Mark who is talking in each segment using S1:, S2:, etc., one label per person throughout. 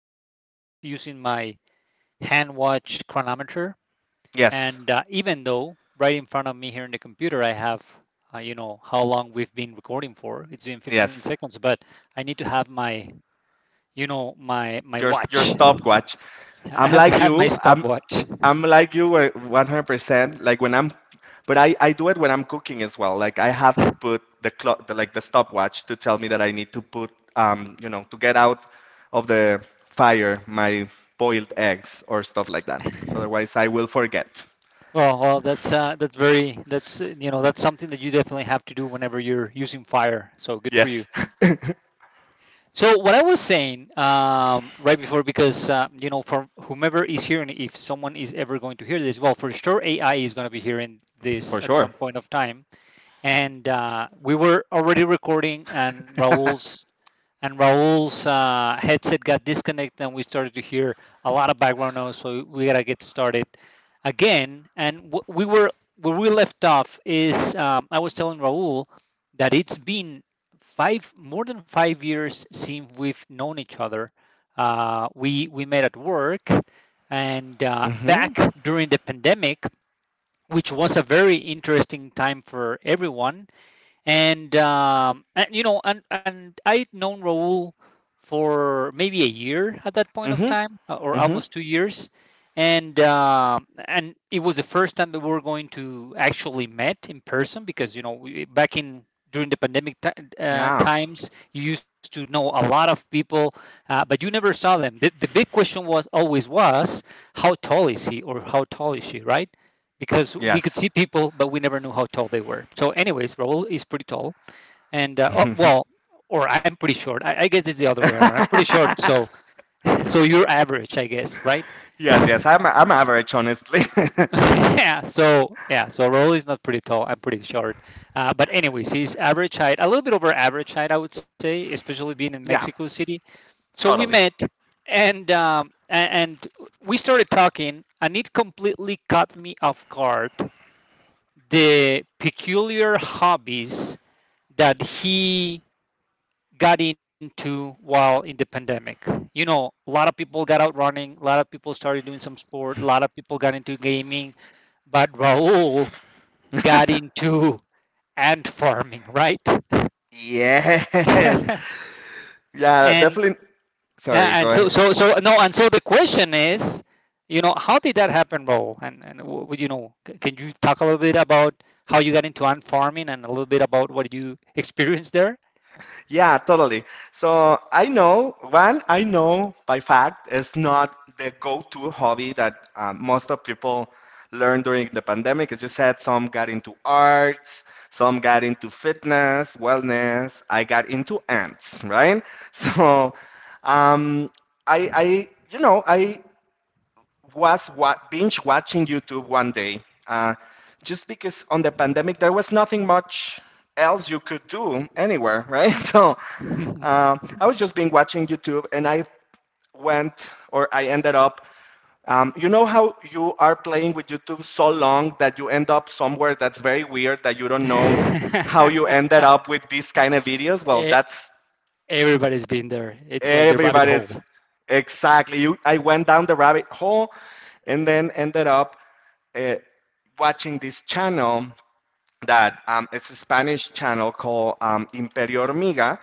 S1: thing about using my hand watch chronometer,
S2: Yes,
S1: and even though right in front of me here in the computer, I have how long we've been recording for. It's been 15
S2: yes.
S1: seconds, but I need to have my, you know, my
S2: Your
S1: watch.
S2: stopwatch.
S1: I
S2: I'm
S1: have
S2: like
S1: to have my
S2: you. I'm
S1: stopwatch.
S2: I'm like you where 100%. Like when I do it when I'm cooking as well. Like I have to put the clock, the, like the stopwatch, to tell me that I need to put to get out of the fire my boiled eggs or stuff like that, because otherwise I will forget.
S1: Well, that's something that you definitely have to do whenever you're using Fire. So good for you.
S2: Yes,
S1: So what I was saying right before, because for whomever is hearing, if someone is ever going to hear this, well, for sure AI is going to be hearing this
S2: for
S1: at
S2: sure.
S1: some point of time, and we were already recording, and Raul's headset got disconnected, and we started to hear a lot of background noise. So we gotta get started again. And we were where we left off is I was telling Raul that it's been five more than 5 years since we've known each other. We met at work, and back
S2: Mhm.
S1: during the pandemic, which was a very interesting time for everyone, and I'd known Raul for maybe a year at that point of
S2: Mhm.
S1: time, or
S2: Mhm.
S1: almost 2 years, and it was the first time that we were going to actually met in person, because we, back in during the pandemic ti
S2: Yeah.
S1: times, you used to know a lot of people, but you never saw them. The big question was always was how tall is he, or how tall is she, right? Because we could
S2: Yes.
S1: see people, but we never knew how tall they were. So, anyways, Raul is pretty tall, and oh, well, or I'm pretty short. I guess it's the other way around. I'm pretty short, so you're average, I guess, right?
S2: Yes. Yes. I'm average, honestly.
S1: Yeah. So yeah. So Raul is not pretty tall. I'm pretty short. But anyways, he's average height, a little bit over average height, I would say, especially being in
S2: Yeah.
S1: Mexico City. So we
S2: Totally.
S1: met, and we started talking, and it completely caught me off guard the peculiar hobbies that he got into while in the pandemic. A lot of people got out running, a lot of people started doing some sport, a lot of people got into gaming, but Raul got into ant farming, right?
S2: Yes. Yeah,
S1: and
S2: definitely. Sorry,
S1: yeah, and
S2: go ahead.
S1: so so so no, and so the question is, how did that happen, Raul? And can you talk a little bit about how you got into ant farming and a little bit about what you experienced there?
S2: Yeah, totally. So I know I know by fact is not the go-to hobby that most of people learned during the pandemic. As you said, some got into arts, some got into fitness, wellness. I got into ants, right? So um, you know, I was binge watching YouTube one day, uh, just because on the pandemic there was nothing much else you could do anywhere, right? So I was just been watching YouTube, and I went or I ended up. You know how you are playing with YouTube so long that you end up somewhere that's very weird that you don't know how you ended up with these kind of videos? Well,
S1: E-
S2: that's
S1: Everybody's been there. It's like the rabbit hole.
S2: everybody's exactly. I went down the rabbit hole and then ended up uh, watching this channel that it's a Spanish channel called Imperio Hormiga,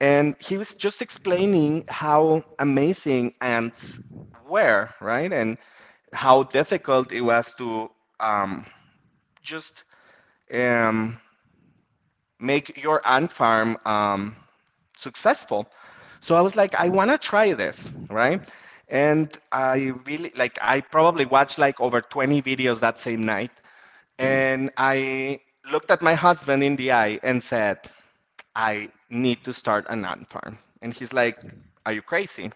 S2: and he was just explaining how amazing ants were, right? And how difficult it was to um, just um, make your ant farm successful. So I was like, I want to try this, right? And I really like, I probably watched like over 20 videos that same night. And I looked at my husband in the eye and said, I need to start an ant farm. And he's like, are you crazy?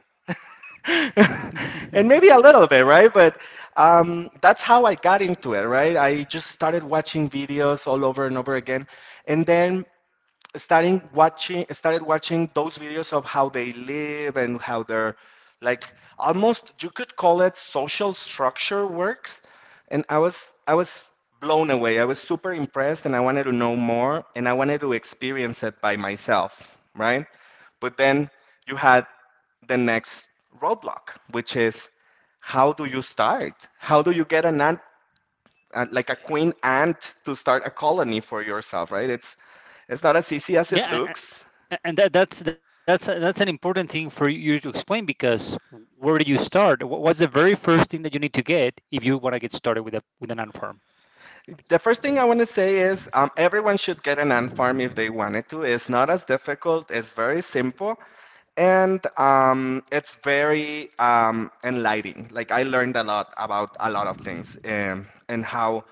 S2: And maybe a little bit, right? But that's how I got into it, right? I just started watching videos all over and over again. And then starting watching started watching those videos of how they live and how they're, like almost you could call it social structure works, and I was blown away. I was super impressed, and I wanted to know more, and I wanted to experience it by myself, right? But then you had the next roadblock, which is how do you start, how do you get an ad like a queen ant to start a colony for yourself, right? It's not as easy as it
S1: Yeah, a-
S2: looks.
S1: a- and that, that's that's that's an important thing for you to explain, because where do you start? What's the very first thing that you need to get if you want to get started with a with an ant farm?
S2: The first thing I want to say is everyone should get an ant farm if they wanted to. It's not as difficult, it's very simple, and it's very enlightening. Like, I learned a lot about a lot of things and how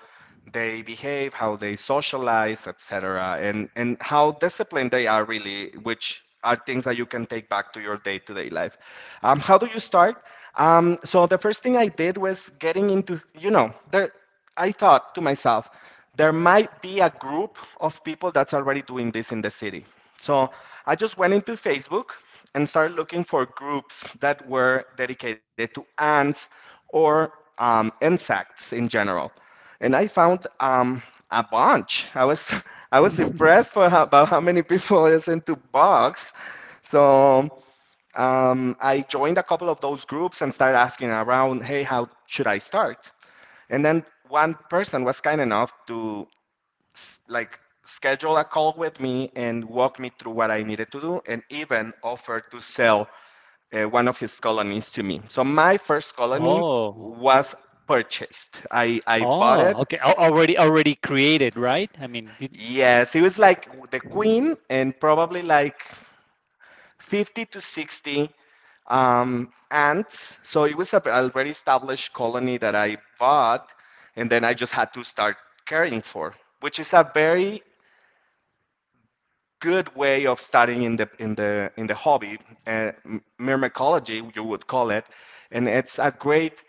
S2: they behave, how they socialize, etc., and how disciplined they are, really, which are things that you can take back to your day-to-day life. How do you start? So the first thing I did was getting into, you know, there I thought to myself, there might be a group of people that's already doing this in the city. So I just went into Facebook and started looking for groups that were dedicated to ants or insects in general. And I found a bunch. I was I was impressed for about how many people is into bugs. So I joined a couple of those groups and started asking around, hey, how should I start? And then one person was kind enough to like schedule a call with me and walk me through what I needed to do and even offered to sell one of his colonies to me. So my first colony
S1: Oh,
S2: was purchased. I bought
S1: oh,
S2: it.
S1: okay. Already created, right? I mean,
S2: Yes, it was like the queen and probably like 50 to 60 ants. So it was a already established colony that I bought, and then I just had to start caring for, which is a very good way of starting in the in the in the hobby, uh, myrmecology you would call it, and it's a great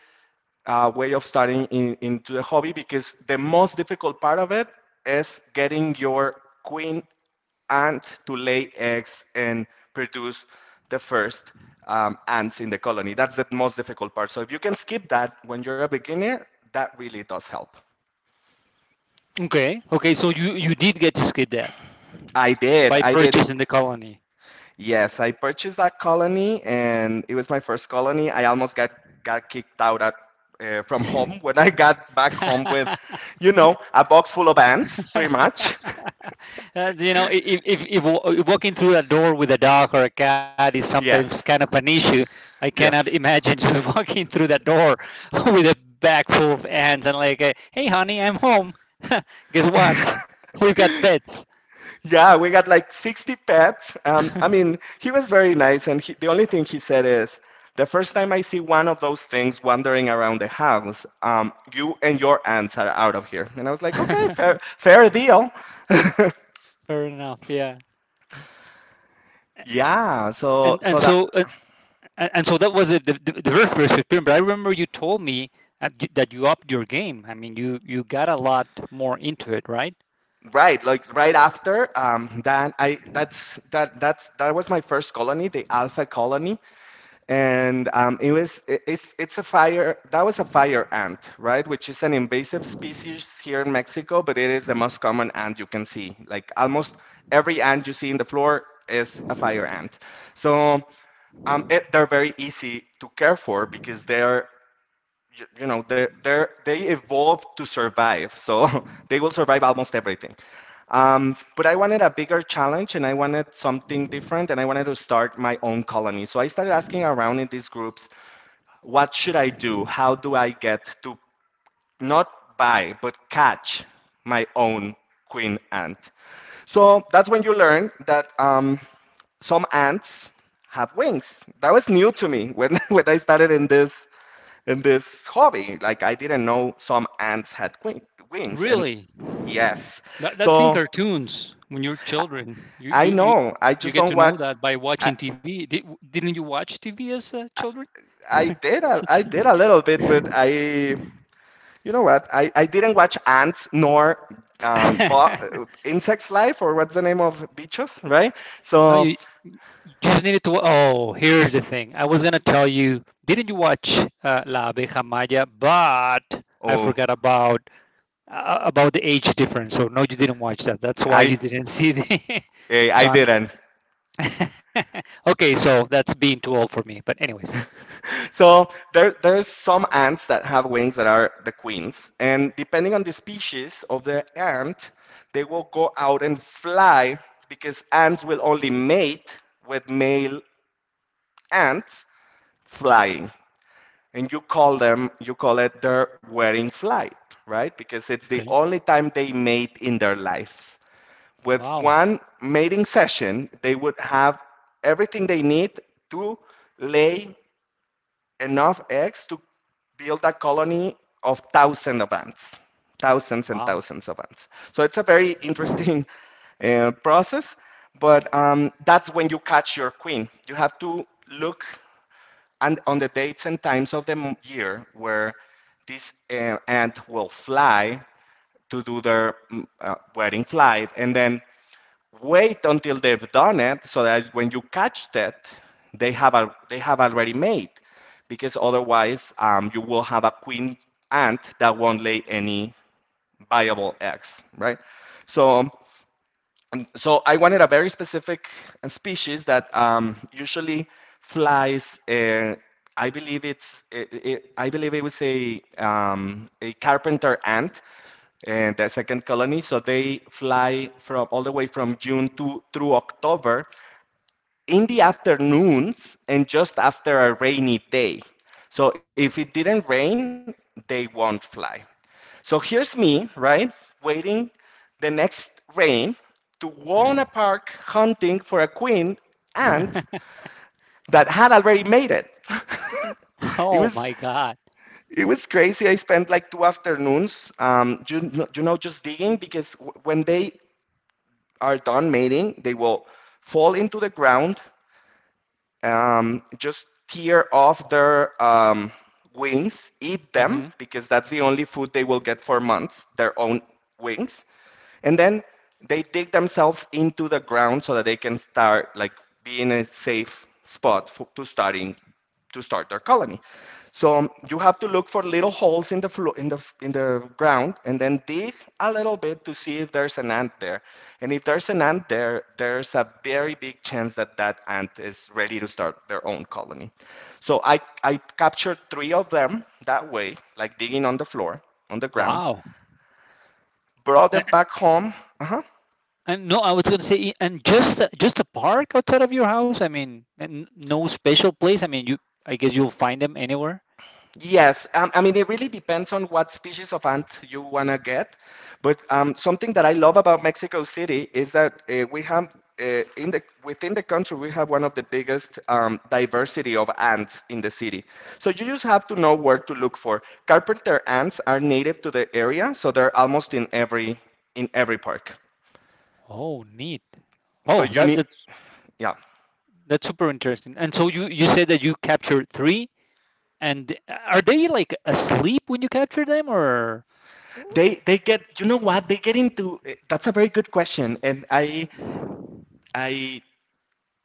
S2: way of starting into the hobby because the most difficult part of it is getting your queen ant to lay eggs and produce the first ants in the colony. That's the most difficult part. So if you can skip that when you're a beginner, that really does help.
S1: okay, okay. So you did get to skip that
S2: I did.
S1: by
S2: I did.
S1: purchasing the colony.
S2: Yes, I purchased that colony, and it was my first colony. I almost got kicked out from home when I got back home with, you know, a box full of ants, pretty much.
S1: If, if walking through a door with a dog or a cat is sometimes kind
S2: Yes,
S1: of an issue, I cannot
S2: yes.
S1: imagine just walking through that door with a bag full of ants and, like, hey, honey, I'm home. Guess what? We've got pets.
S2: Yeah, we got like 60 pets. I mean, he was very nice, and he, the only thing he said is, the first time I see one of those things wandering around the house, you and your ants are out of here. And I was like, okay,
S1: Fair
S2: fair, fair deal.
S1: enough. Yeah.
S2: Yeah,
S1: And
S2: so
S1: and
S2: so that
S1: so uh, and so that was it, the very first experience. But I remember you told me that you upped your game. I mean, you got a lot more into it, right?
S2: right, like right after that, I that's that was my first colony, the Alpha Colony, and it's a fire that was a fire ant, right, which is an invasive species here in Mexico, but it is the most common ant you can see. Like almost every ant you see in the floor is a fire ant. So they're very easy to care for because you know, they evolved to survive, so they will survive almost everything. But I wanted a bigger challenge, and I wanted something different, and I wanted to start my own colony. So I started asking around in these groups, what should I do? How do I get to not buy, but catch my own queen ant? So that's when you learn that some ants have wings. That was new to me when, when I started in this hobby. Like I didn't know some ants had wings, and
S1: Really?
S2: yes,
S1: That's in
S2: so
S1: cartoons when you're children. You
S2: I
S1: you you,
S2: know. I
S1: you
S2: just
S1: get
S2: don't
S1: to
S2: want.
S1: know that by
S2: I,
S1: watching TV. Didn't you watch TV as children? As a
S2: I did
S1: child?
S2: a little bit, but I you know what? I didn't watch ants nor insects life or what's the name of beaches, right?
S1: No,
S2: So
S1: you just needed to. Oh, here's the thing. I was gonna tell you. Didn't you watch La Abeja Maya? But I
S2: oh
S1: forgot about the age difference. So no, you didn't watch that. That's why
S2: I
S1: you didn't see the.
S2: I
S1: So I'm.
S2: didn't.
S1: Okay, so that's being too old for me. But anyways.
S2: So there's some ants that have wings that are the queens, and depending on the species of the ant, they will go out and fly because ants will only mate with male ants flying, and you call them, you call it their wedding flight, right? Because it's the
S1: Okay.
S2: only time they mate in their lives. With
S1: Wow.
S2: one mating session, they would have everything they need to lay enough eggs to build a colony of thousands of ants, thousands and
S1: Wow.
S2: thousands of ants. So it's a very interesting process, but that's when you catch your queen. You have to look and on the dates and times of the year where this ant will fly to do their wedding flight, and then wait until they've done it so that when you catch that, they have, they have already made, because otherwise you will have a queen ant that won't lay any viable eggs, right? So and so I wanted a very specific species that usually flies. I believe it was a carpenter ant, and the second colony. So they fly from all the way from June to through October, in the afternoons and just after a rainy day. So if it didn't rain, they won't fly. So here's me, right, waiting the next rain to warn a Park hunting for a queen ant that had already made it.
S1: Oh
S2: It
S1: my
S2: was
S1: God.
S2: it was crazy. I spent like two afternoons, you know, just digging because when they are done mating, they will fall into the ground, just tear off their wings, eat
S1: Hmm.
S2: them, because that's the only food they will get for months, their own wings, and then they dig themselves into the ground so that they can start like be in a safe spot for, to start their colony. So you have to look for little holes in the in the ground and then dig a little bit to see if there's an ant there, and if there's an ant there, there's a very big chance that that ant is ready to start their own colony. So I captured three of them that way, like digging on the floor, on the ground,
S1: Wow.
S2: brought
S1: And,
S2: them back home.
S1: and no, I was gonna say, and just a park outside of your house. I mean, and no special place. I mean, you. I guess you'll find them anywhere.
S2: Yes, I mean, it really depends on what species of ant you want to get. But something that I love about Mexico City is that we have, in within the country, we have one of the biggest diversity of ants in the city. So you just have to know where to look for. Carpenter ants are native to the area, so they're almost in every park.
S1: Oh, neat. Oh,
S2: But you
S1: that
S2: need,
S1: that's
S2: yeah.
S1: That's super interesting. And so you said that you captured three, and are they like asleep when you capture them, or?
S2: They get, you know what? They get that's a very good question. And I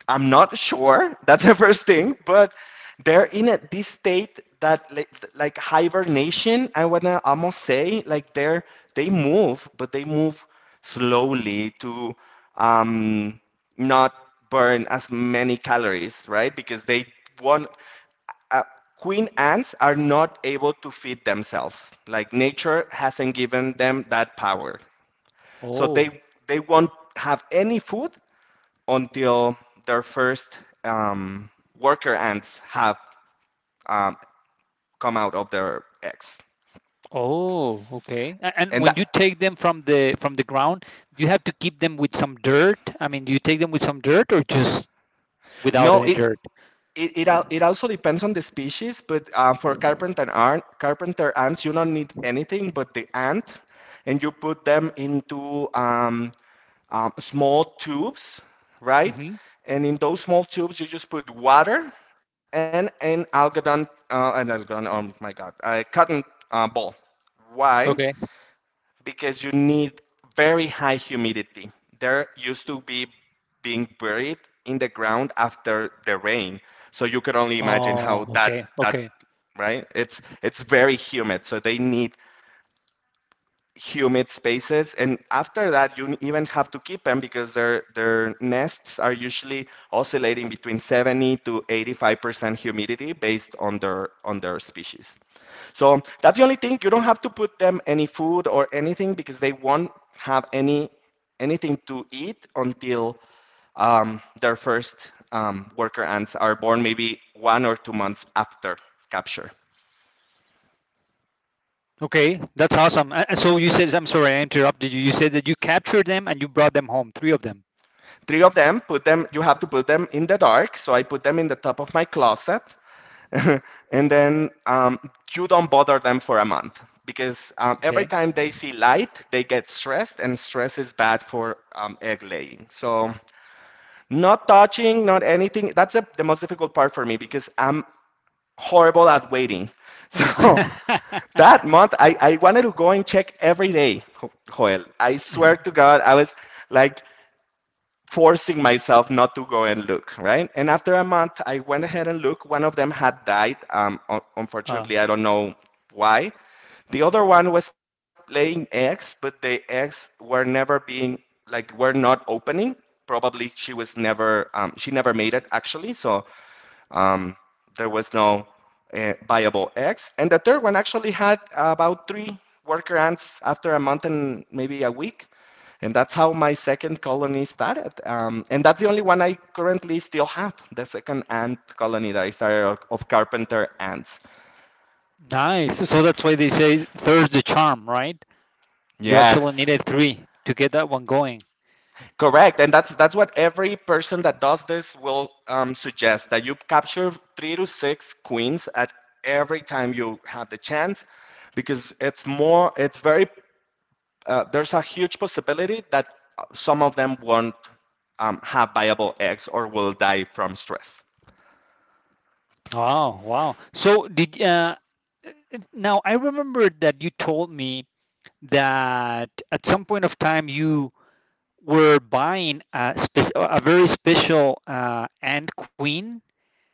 S2: I'm not sure. That's the first thing, but they're in this state that like hibernation. I wanna almost say like they move, but they move slowly to um, not burn as many calories, right? Because they want queen ants are not able to feed themselves. Like nature hasn't given them that power, so
S1: Oh,
S2: they won't have any food until their first um, worker ants have um, come out of their eggs.
S1: oh, okay. And
S2: And
S1: when
S2: that,
S1: you take them from the ground, do you have to keep them with some dirt? I mean, do you take them with some dirt or just without any
S2: no,
S1: dirt?
S2: it also depends on the species, but for carpenter ants, you don't need anything but the ant, and you put them into small tubes, right?
S1: Hmm.
S2: And in those small tubes, you just put water and oh my God, a cotton ball. Why?
S1: Okay.
S2: Because you need very high humidity. There used to be being buried in the ground after the rain. So you could only imagine
S1: Oh,
S2: how that
S1: okay,
S2: that
S1: okay,
S2: right? It's very humid, so they need humid spaces, and after that you even have to keep them because their nests are usually oscillating between 70 to 85% humidity based on their species. So that's the only thing. You don't have to put them any food or anything because they won't have anything to eat until their first worker ants are born, maybe 1 or 2 months after capture.
S1: okay. That's awesome. So you said, I'm sorry, I interrupted you. You said that you captured them and you brought them home, three of them.
S2: Three of them, put them, you have to put them in the dark, so I put them in the top of my closet, and then you don't bother them for a month, because every
S1: Okay.
S2: time they see light they get stressed, and stress is bad for egg laying. So not touching, not anything. That's the most difficult part for me because I'm horrible at waiting, so that month I wanted to go and check every day. Joel, I swear to God, I was like forcing myself not to go and look, right? And after a month, I went ahead and looked. One of them had died.
S1: Uh,
S2: Unfortunately, I don't know why. The other one was playing eggs, but the eggs were never being like were not opening. Probably she was never she never made it, actually. So um, there was no viable eggs. And the third one actually had about three worker ants after a month and maybe a week. And that's how my second colony started. And that's the only one I currently still have, the second ant colony that I started of carpenter ants.
S1: nice. So that's why they say third's the charm, right? You actually
S2: Yes,
S1: needed three to get that one going.
S2: correct. And that's what every person that does this will suggest, that you capture 3 to 6 queens at every time you have the chance, because it's more, it's very there's a huge possibility that some of them won't have viable eggs or will die from stress.
S1: Oh, wow. So did now I remember that you told me that at some point of time you were buying a very special ant queen,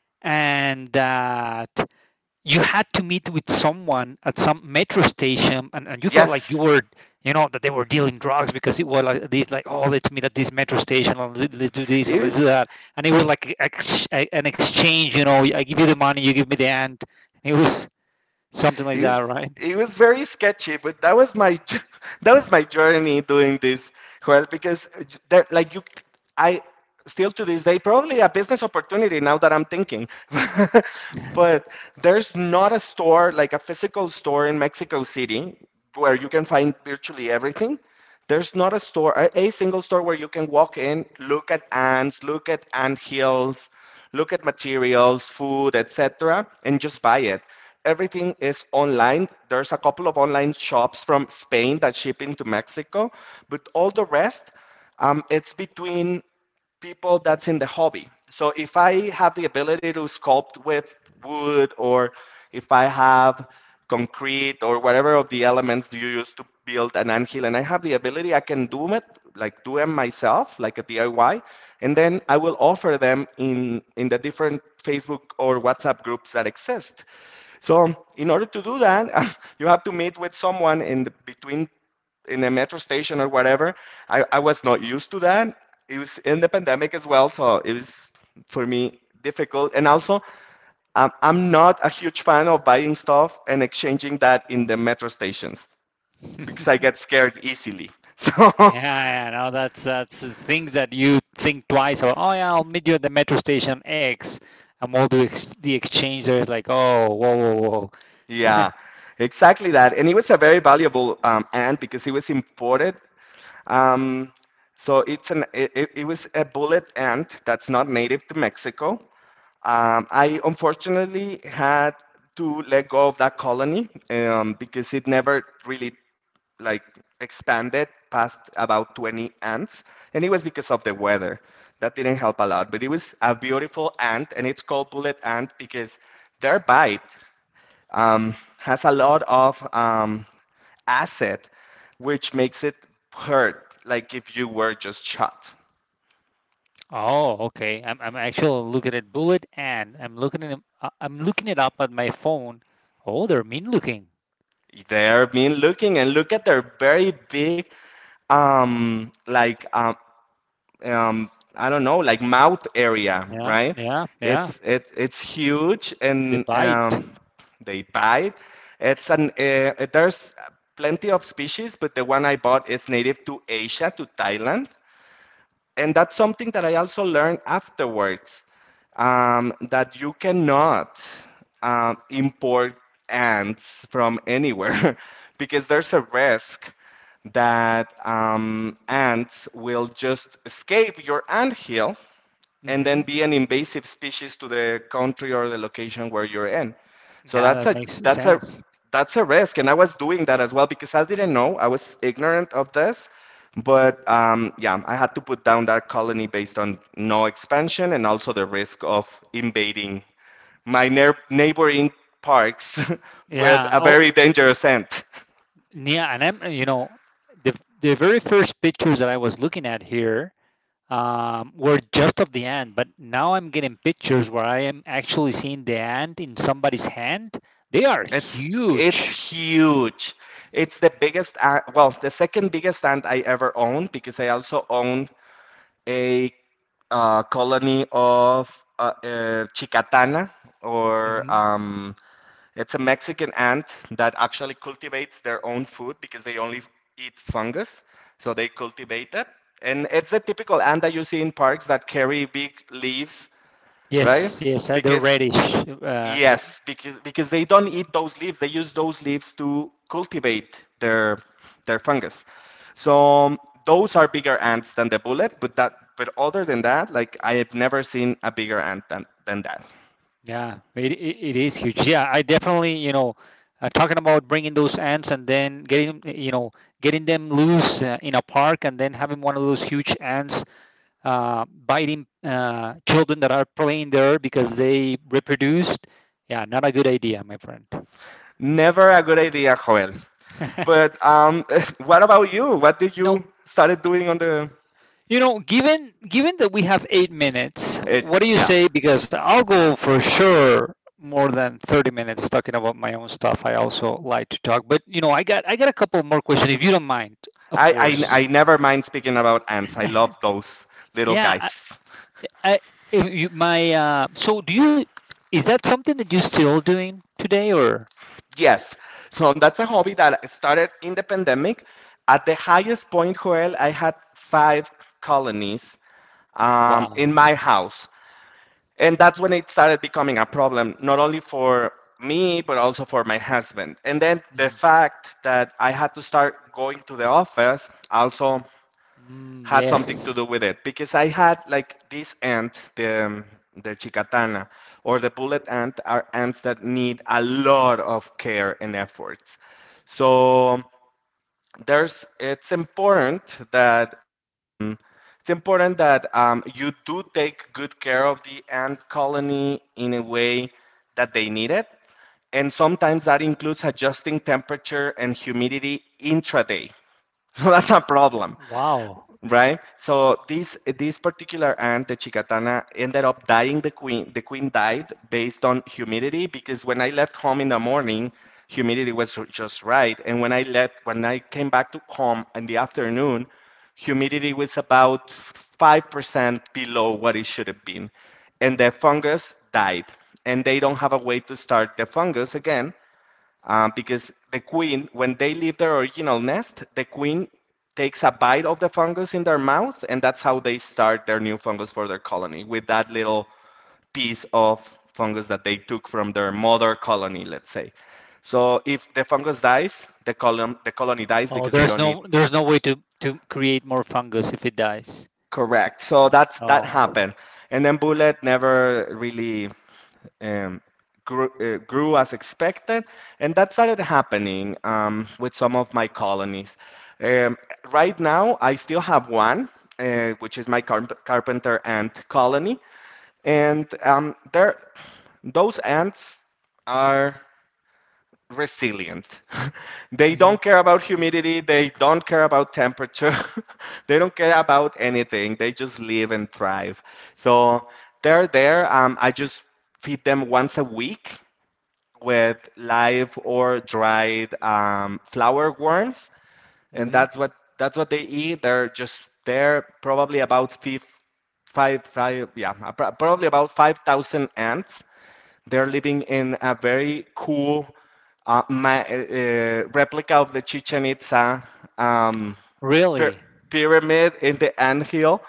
S1: and that you had to meet with someone at some metro station, and you felt like
S2: Yes,
S1: you know that they were dealing drugs, because it was like this, like, oh, let's meet at this metro station and us do this and
S2: it was,
S1: let's do that, and it was like an exchange. I give you the money, you give me the hand. It was something like
S2: it was
S1: that, right?
S2: it was very sketchy, but that was my that was my journey doing this, Joel, because there, like you, I still to this day, probably a business opportunity now that I'm thinking, but there's not a store, like a physical store in Mexico City where you can find virtually everything. There's not a store, a single store, where you can walk in, look at ants, look at ant hills, look at materials, food, etc., and just buy it. Everything is online. There's a couple of online shops from Spain that ship into Mexico, but all the rest, it's between people that's in the hobby. So if I have the ability to sculpt with wood, or if I have concrete or whatever of the elements do you use to build an anthill, and I have the ability, I can do it, like do them myself, like a DIY, and then I will offer them in the different Facebook or WhatsApp groups that exist. So in order to do that, you have to meet with someone in the, between in a metro station or whatever. I was not used to that. It was in the pandemic as well, so it was for me difficult. And also, I'm not a huge fan of buying stuff and exchanging that in the metro stations, because I
S1: Yeah,
S2: get scared easily. So,
S1: yeah. No, that's the things that you think twice about. Oh, yeah, I'll meet you at the metro station x, and the exchange there is like, oh, whoa, whoa, whoa.
S2: yeah, exactly that. And it was a very valuable ant, because it was imported. Um, so it's an it was a bullet ant that's not native to Mexico. I unfortunately had to let go of that colony because it never really like expanded past about 20 ants, and it was because of the weather that didn't help a lot. But it was a beautiful ant, and it's called bullet ant because their bite has a lot of acid, which makes it hurt like if you were just shot.
S1: Oh, okay. I'm actually looking at bullet, and I'm looking at I'm looking it up on my phone. Oh, they're mean looking.
S2: They're mean looking, and look at their very big, um, like um, um, I don't know, like mouth area,
S1: Yeah,
S2: right?
S1: yeah, yeah.
S2: It's huge,
S1: They
S2: and
S1: bite.
S2: they bite. It's an There's plenty of species, but the one I bought is native to Asia, to Thailand. And that's something that I also learned afterwards, that you cannot import ants from anywhere because there's a risk that ants will just escape your anthill and
S1: Mm-hmm.
S2: then be an invasive species to the country or the location where you're in. So
S1: Yeah, that makes sense.
S2: that's a risk, and I was doing that as well because I didn't know, I was ignorant of this. But yeah, I had to put down that colony based on no expansion and also the risk of invading my neighboring parks with
S1: Yeah.
S2: a
S1: Oh,
S2: very dangerous scent.
S1: yeah. And I'm you know the the very first pictures that I was looking at here were just of the ant, but now I'm getting pictures where I am actually seeing the ant in somebody's hand. They are
S2: It's it's
S1: huge.
S2: huge. It's the biggest, well, the second biggest ant I ever owned, because I also owned a colony of chicatana, or
S1: Hmm.
S2: it's a Mexican ant that actually cultivates their own food because they only eat fungus, so they cultivate it. And it's the typical ant that you see in parks that carry big leaves, right?
S1: Yes, yes, they're
S2: Because
S1: reddish.
S2: yes, because they don't eat those leaves. They use those leaves to cultivate their fungus. So um, those are bigger ants than the bullet, but that but other than that, like I have never seen a bigger ant than that.
S1: Yeah, it is huge. Yeah, I definitely, talking about bringing those ants and then getting them loose in a park, and then having one of those huge ants biting children that are playing there, because they reproduced. Yeah, not a good idea, my friend.
S2: Never a good idea, Joel. But what about you? What did you
S1: No.
S2: started doing on the
S1: Given that we have 8 minutes,
S2: it,
S1: what do you
S2: yeah.
S1: say? Because I'll go for sure more than 30 minutes talking about my own stuff. I also like to talk, but I got a couple more questions if you don't mind, of
S2: I,
S1: course.
S2: I never mind speaking about ants. I love those little
S1: Yeah,
S2: guys.
S1: I if you, my so do you is that something that you're still doing today, or
S2: Yes. So that's a hobby that started in the pandemic. At the highest point, Joel, I had 5 colonies
S1: wow?
S2: in my house. And that's when it started becoming a problem, not only for me, but also for my husband. And then the
S1: Mhm.
S2: fact that I had to start going to the office also
S1: Mm,
S2: had something to
S1: yes.
S2: do with it, because I had like this ant, the chicatana or the bullet ant are ants that need a lot of care and efforts. So there's it's important that you do take good care of the ant colony in a way that they need it. And sometimes that includes adjusting temperature and humidity intraday. So that's a problem,
S1: Wow.
S2: right? So this particular ant, the chicatana, ended up dying. The queen died based on humidity, because when I left home in the morning, humidity was just right, and when I came back to home in the afternoon, humidity was about 5% below what it should have been, and the fungus died, and they don't have a way to start the fungus again, because the queen, when they leave their original nest, the queen takes a bite of the fungus in their mouth, and that's how they start their new fungus for their colony, with that little piece of fungus that they took from their mother colony, let's say. So if the fungus dies, the colony dies
S1: Oh,
S2: because they
S1: there's
S2: don't need.
S1: no there's no way to create more fungus if it dies.
S2: Correct. So that's that
S1: Oh.
S2: happened, and then Bullet never really um, grew, as expected, and that started happening with some of my colonies. Um, right now, I still have one, which is my carpenter ant colony, and those ants are resilient. They
S1: Hmm.
S2: don't care about humidity, they don't care about temperature, they don't care about anything. They just live and thrive. So they're there. I just feed them once a week with live or dried flower worms, and that's what they eat. They're just there, probably about five, five, yeah, probably about 5,000 ants. They're living in a very cool replica of the Chichen Itza um,
S1: Really?
S2: pyramid in the anthill.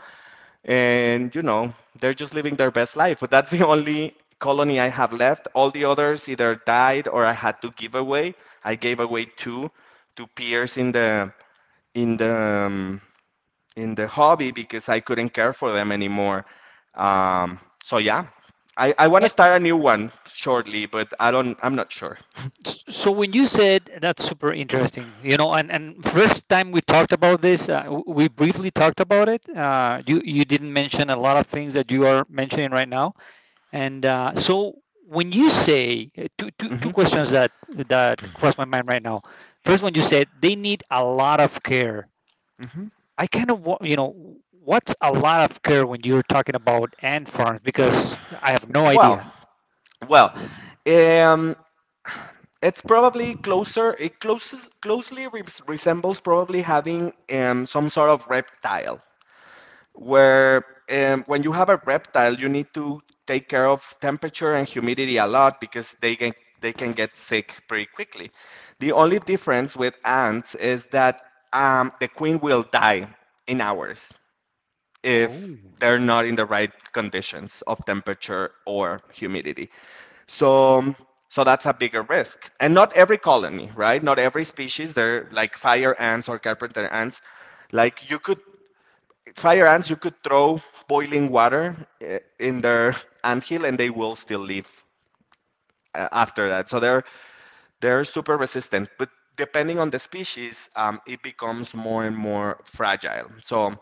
S2: And, you know, they're just living their best life. But that's the only colony I have left. All the others either died or I had to give away. I gave away two to peers in the um, in the hobby because I couldn't care for them anymore. So yeah, I want to
S1: And
S2: start a new one shortly, but I don't, I'm not sure.
S1: so when you said that's super interesting, and first time we talked about this, we briefly talked about it. You didn't mention a lot of things that you are mentioning right now. And so when you say two
S2: Hmm.
S1: questions that cross my mind right now.
S2: Yeah.
S1: First one, you said they need a lot of care. I kind of you know what's a lot of care when you're talking about ant farms, because I have no
S2: Well,
S1: idea.
S2: well, um, it's probably closer. Closely resembles probably having some sort of reptile, where when you have a reptile, you need to take care of temperature and humidity a lot because they can get sick pretty quickly. The only difference with ants is that the queen will die in hours if
S1: Oh.
S2: they're not in the right conditions of temperature or humidity. So so that's a bigger risk. And not every colony, right? Not every species, they're like fire ants or carpenter ants. Like you could fire ants, you could throw boiling water in their anthill and they will still live after that. So they're super resistant, but depending on the species, it becomes more and more fragile. So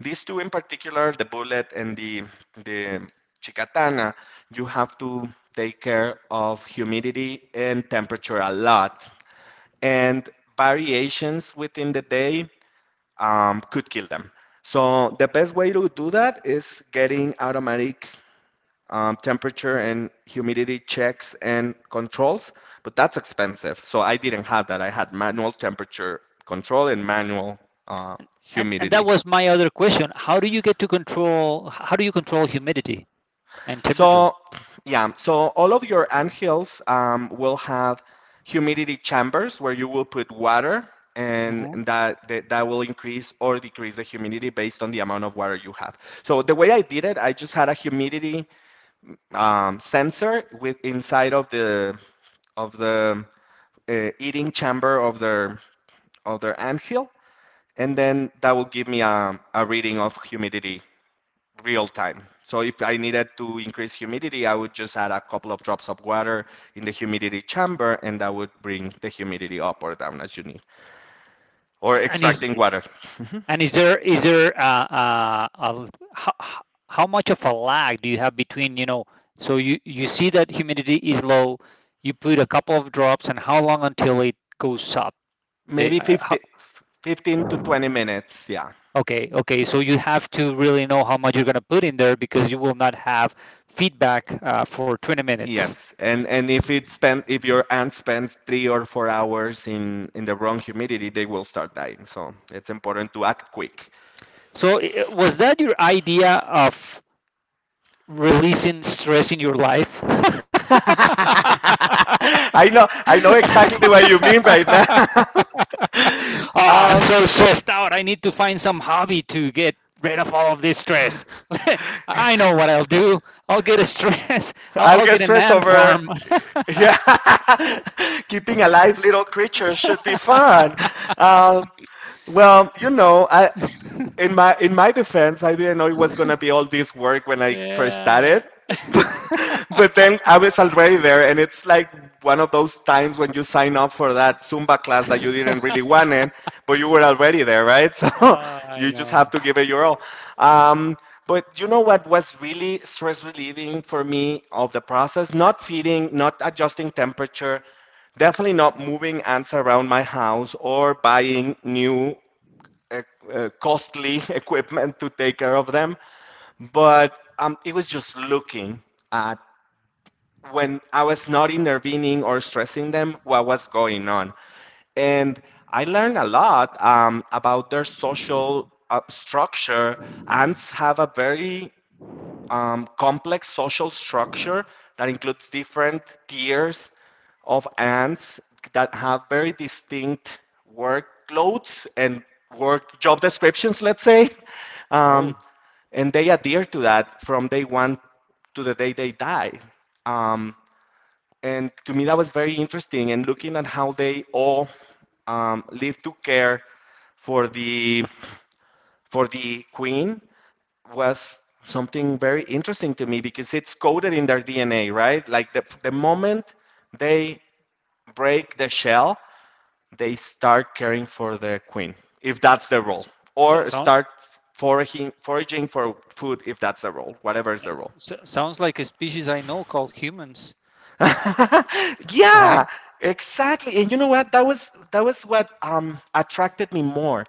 S2: these two in particular, the bullet and the chicatana, you have to take care of humidity and temperature a lot, and variations within the day could kill them. So the best way to do that is getting automatic temperature and humidity checks and controls, but that's expensive. So I didn't have that. I had manual temperature control and manual
S1: And that
S2: humidity.
S1: was my other question. How do you get to control? How do you control humidity and temperature?
S2: So yeah, so all of your anthills will have humidity chambers where you will put water, and
S1: Hmm.
S2: that will increase or decrease the humidity based on the amount of water you have. So the way I did it, I just had a humidity sensor with inside of the eating chamber of their anthill, and then that will give me a reading of humidity real time. So if I needed to increase humidity, I would just add a couple of drops of water in the humidity chamber, and that would bring the humidity up or down as you need. Or
S1: And is
S2: extracting water,
S1: and is there is there how, how much of a lag do you have between you know? So you see that humidity is low, you put a couple of drops, and how long until it goes up? They,
S2: maybe
S1: uh, how,
S2: 50, 15 to 20 minutes. Yeah.
S1: okay, okay. So you have to really know how much you're going to put in there, because you will not have feedback for 20 minutes.
S2: Yes, and if your ant spends three or four hours in the wrong humidity, they will start dying. So it's important to act quick.
S1: So was that your idea of releasing stress in your life? Oh,
S2: I know exactly what you mean right now.
S1: I'm
S2: Um,
S1: so stressed out. I need to find some hobby to get rid of all of this stress. I know what I'll do. I'll get a stress. I'll,
S2: I'll
S1: I'll
S2: get
S1: get an
S2: stressed
S1: ant
S2: over.
S1: farm.
S2: Yeah, keeping alive little creatures should be fun. Um, I in my defense, I didn't know it was gonna be all this work when I first
S1: Yeah.
S2: started. But then I was already there, and it's like one of those times when you sign up for that Zumba class that you didn't really want it, but you were already there, right? So
S1: I
S2: you just
S1: know.
S2: have to give it your all. Um, but you know what was really stress relieving for me of the process? Not feeding, not adjusting temperature, definitely not moving ants around my house or buying new costly equipment to take care of them. But it was just looking at when I was not intervening or stressing them what was going on. And I learned a lot about their social structure. Ants have a very complex social structure that includes different tiers of ants that have very distinct workloads and work job descriptions, let's say. Um,
S1: Oh,
S2: and they adhere to that from day one to the day they die. Um, and to me, that was very interesting. And looking at how they all live to care for the queen was something very interesting to me because it's coded in their DNA, right? Like the moment they break the shell, they start caring for the queen, if that's their role,
S1: so,
S2: or
S1: sound,
S2: start foraging for food, if that's their role, whatever is their role.
S1: sounds like a species I know called humans, right?
S2: Yeah, exactly. And you know what? That was what attracted me more,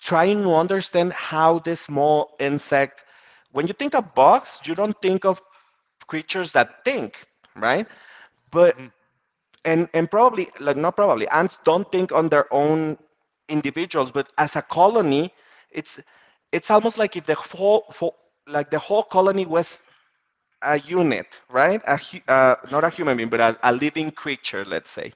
S2: trying to understand how this small insect, when you think of bugs, you don't think of creatures that think, right? But
S1: Hmm.
S2: and probably like not probably ants don't think on their own individuals, but as a colony, it's it's almost like if the whole colony was a unit, right? A not a human being, but a living creature, let's say.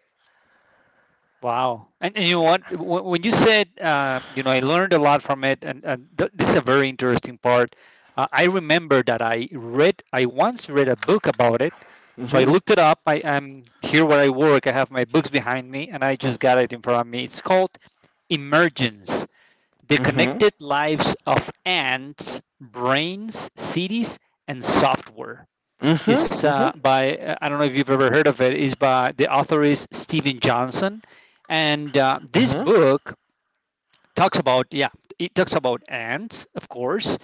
S1: Wow. And you know what? When you said, you know, I learned a lot from it, and, and this is a very interesting part. I remember that I once read a book about it. So I
S2: Mm-hmm.
S1: looked it up. I am here where I work. I have my books behind me, and I just got it in front of me. It's called Emergence, The
S2: Mm-hmm.
S1: Connected Lives of Ants, Brains, Cities, and Software, is
S2: Mm-hmm. Mm-hmm.
S1: by I don't know if you've ever heard of it. Is by, the author is Stephen Johnson, and
S2: Mm-hmm.
S1: this book talks about, yeah, it talks about ants, of course,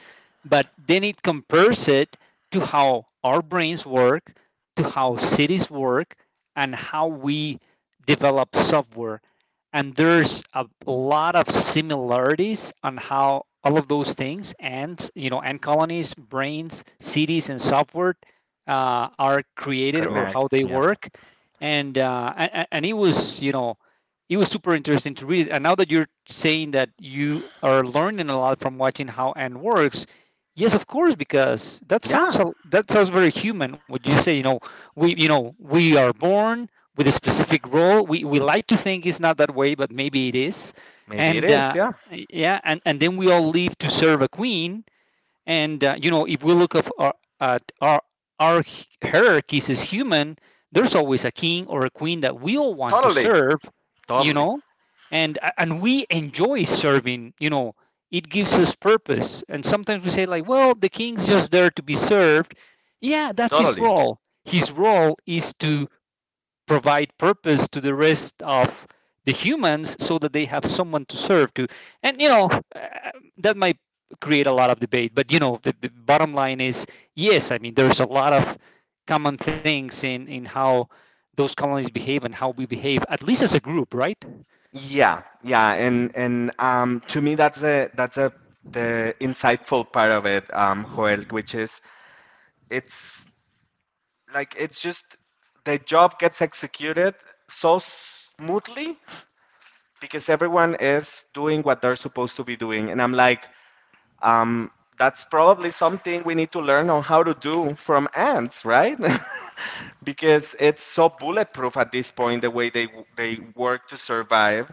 S1: but then it compares it to how our brains work, to how cities work, and how we develop software. And there's a lot of similarities on how all of those things, ants, you know, ant colonies, brains, cities, and software are created or how
S2: Connect.
S1: they
S2: Yeah.
S1: work. And and it was, you know, it was super interesting to read it. And now that you're saying that you are learning a lot from watching how ant works, yes, of course, because that
S2: Yeah.
S1: sounds, that sounds very human. What you say, you know, we you know, we are born with a specific role. We like to think it's not that way, but maybe it is.
S2: Maybe it
S1: And
S2: is, yeah.
S1: yeah, and then we all live to serve a queen, and you know, if we look at our, at our hierarchies as human, there's always a king or a queen that we all want to
S2: Totally.
S1: serve, you
S2: Totally.
S1: know, and we enjoy serving. You know, it gives us purpose. And sometimes we say like, well, the king's just there to be served. Yeah, that's his
S2: Totally.
S1: role. His role is to provide purpose to the rest of the humans so that they have someone to serve to. And you know, uh, that might create a lot of debate, but you know, the bottom line is, yes, I mean, there's a lot of common things in how those colonies behave and how we behave, at least as a group, right?
S2: Yeah, yeah, and to me that's a the insightful part of it, Joel, which is it's it's just the job gets executed so smoothly because everyone is doing what they're supposed to be doing, and I'm like, Um, that's probably something we need to learn on how to do from ants, right? Because it's so bulletproof at this point the way they work to survive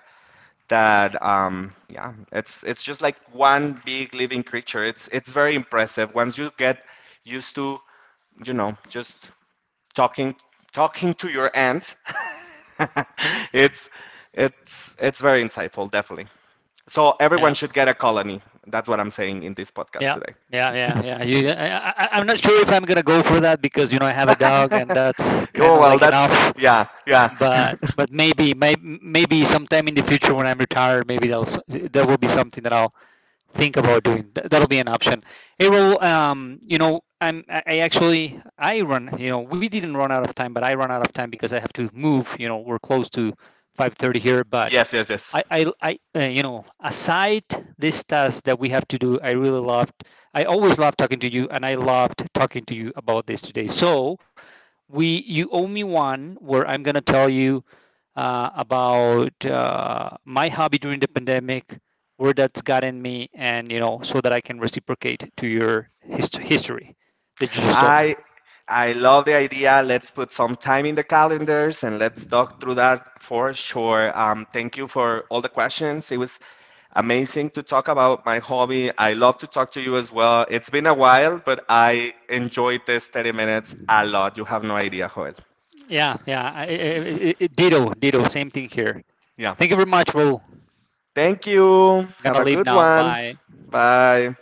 S2: that yeah, it's just like one big living creature. It's very impressive once you get used to, you know, just talking talking to your ants. it's it's very insightful, definitely. So everyone
S1: Yeah,
S2: should get a colony. That's what I'm saying in this podcast
S1: yeah,
S2: today.
S1: yeah, yeah, yeah, I'm not sure if I'm gonna go for that, because you know I have a dog, and that's kind
S2: Oh
S1: of
S2: well,
S1: like
S2: that's
S1: enough.
S2: yeah, yeah,
S1: but but maybe maybe sometime in the future when I'm retired, maybe that will be something that I'll think about doing. That'll be an option. It will, you know, I actually, I run, you know, we didn't run out of time, but I run out of time because I have to move. You know, we're close to 5:30 here, but
S2: yes, yes, yes.
S1: I you know, aside this task that we have to do, I really loved. I always love talking to you, and I loved talking to you about this today. So we you owe me one where I'm gonna tell you about my hobby during the pandemic, where that's gotten me, and you know, so that I can reciprocate to your history that you just told me.
S2: I love the idea. Let's put some time in the calendars and let's talk through that for sure. Thank you for all the questions. It was amazing to talk about my hobby. I love to talk to you as well. It's been a while, but I enjoyed this 30 minutes a lot. You have no idea, Joel.
S1: Yeah, yeah, ditto, ditto, same thing here.
S2: Yeah.
S1: Thank you very much, Raul.
S2: Thank you. Have
S1: Gonna
S2: a
S1: leave
S2: good
S1: now.
S2: one.
S1: Bye.
S2: Bye.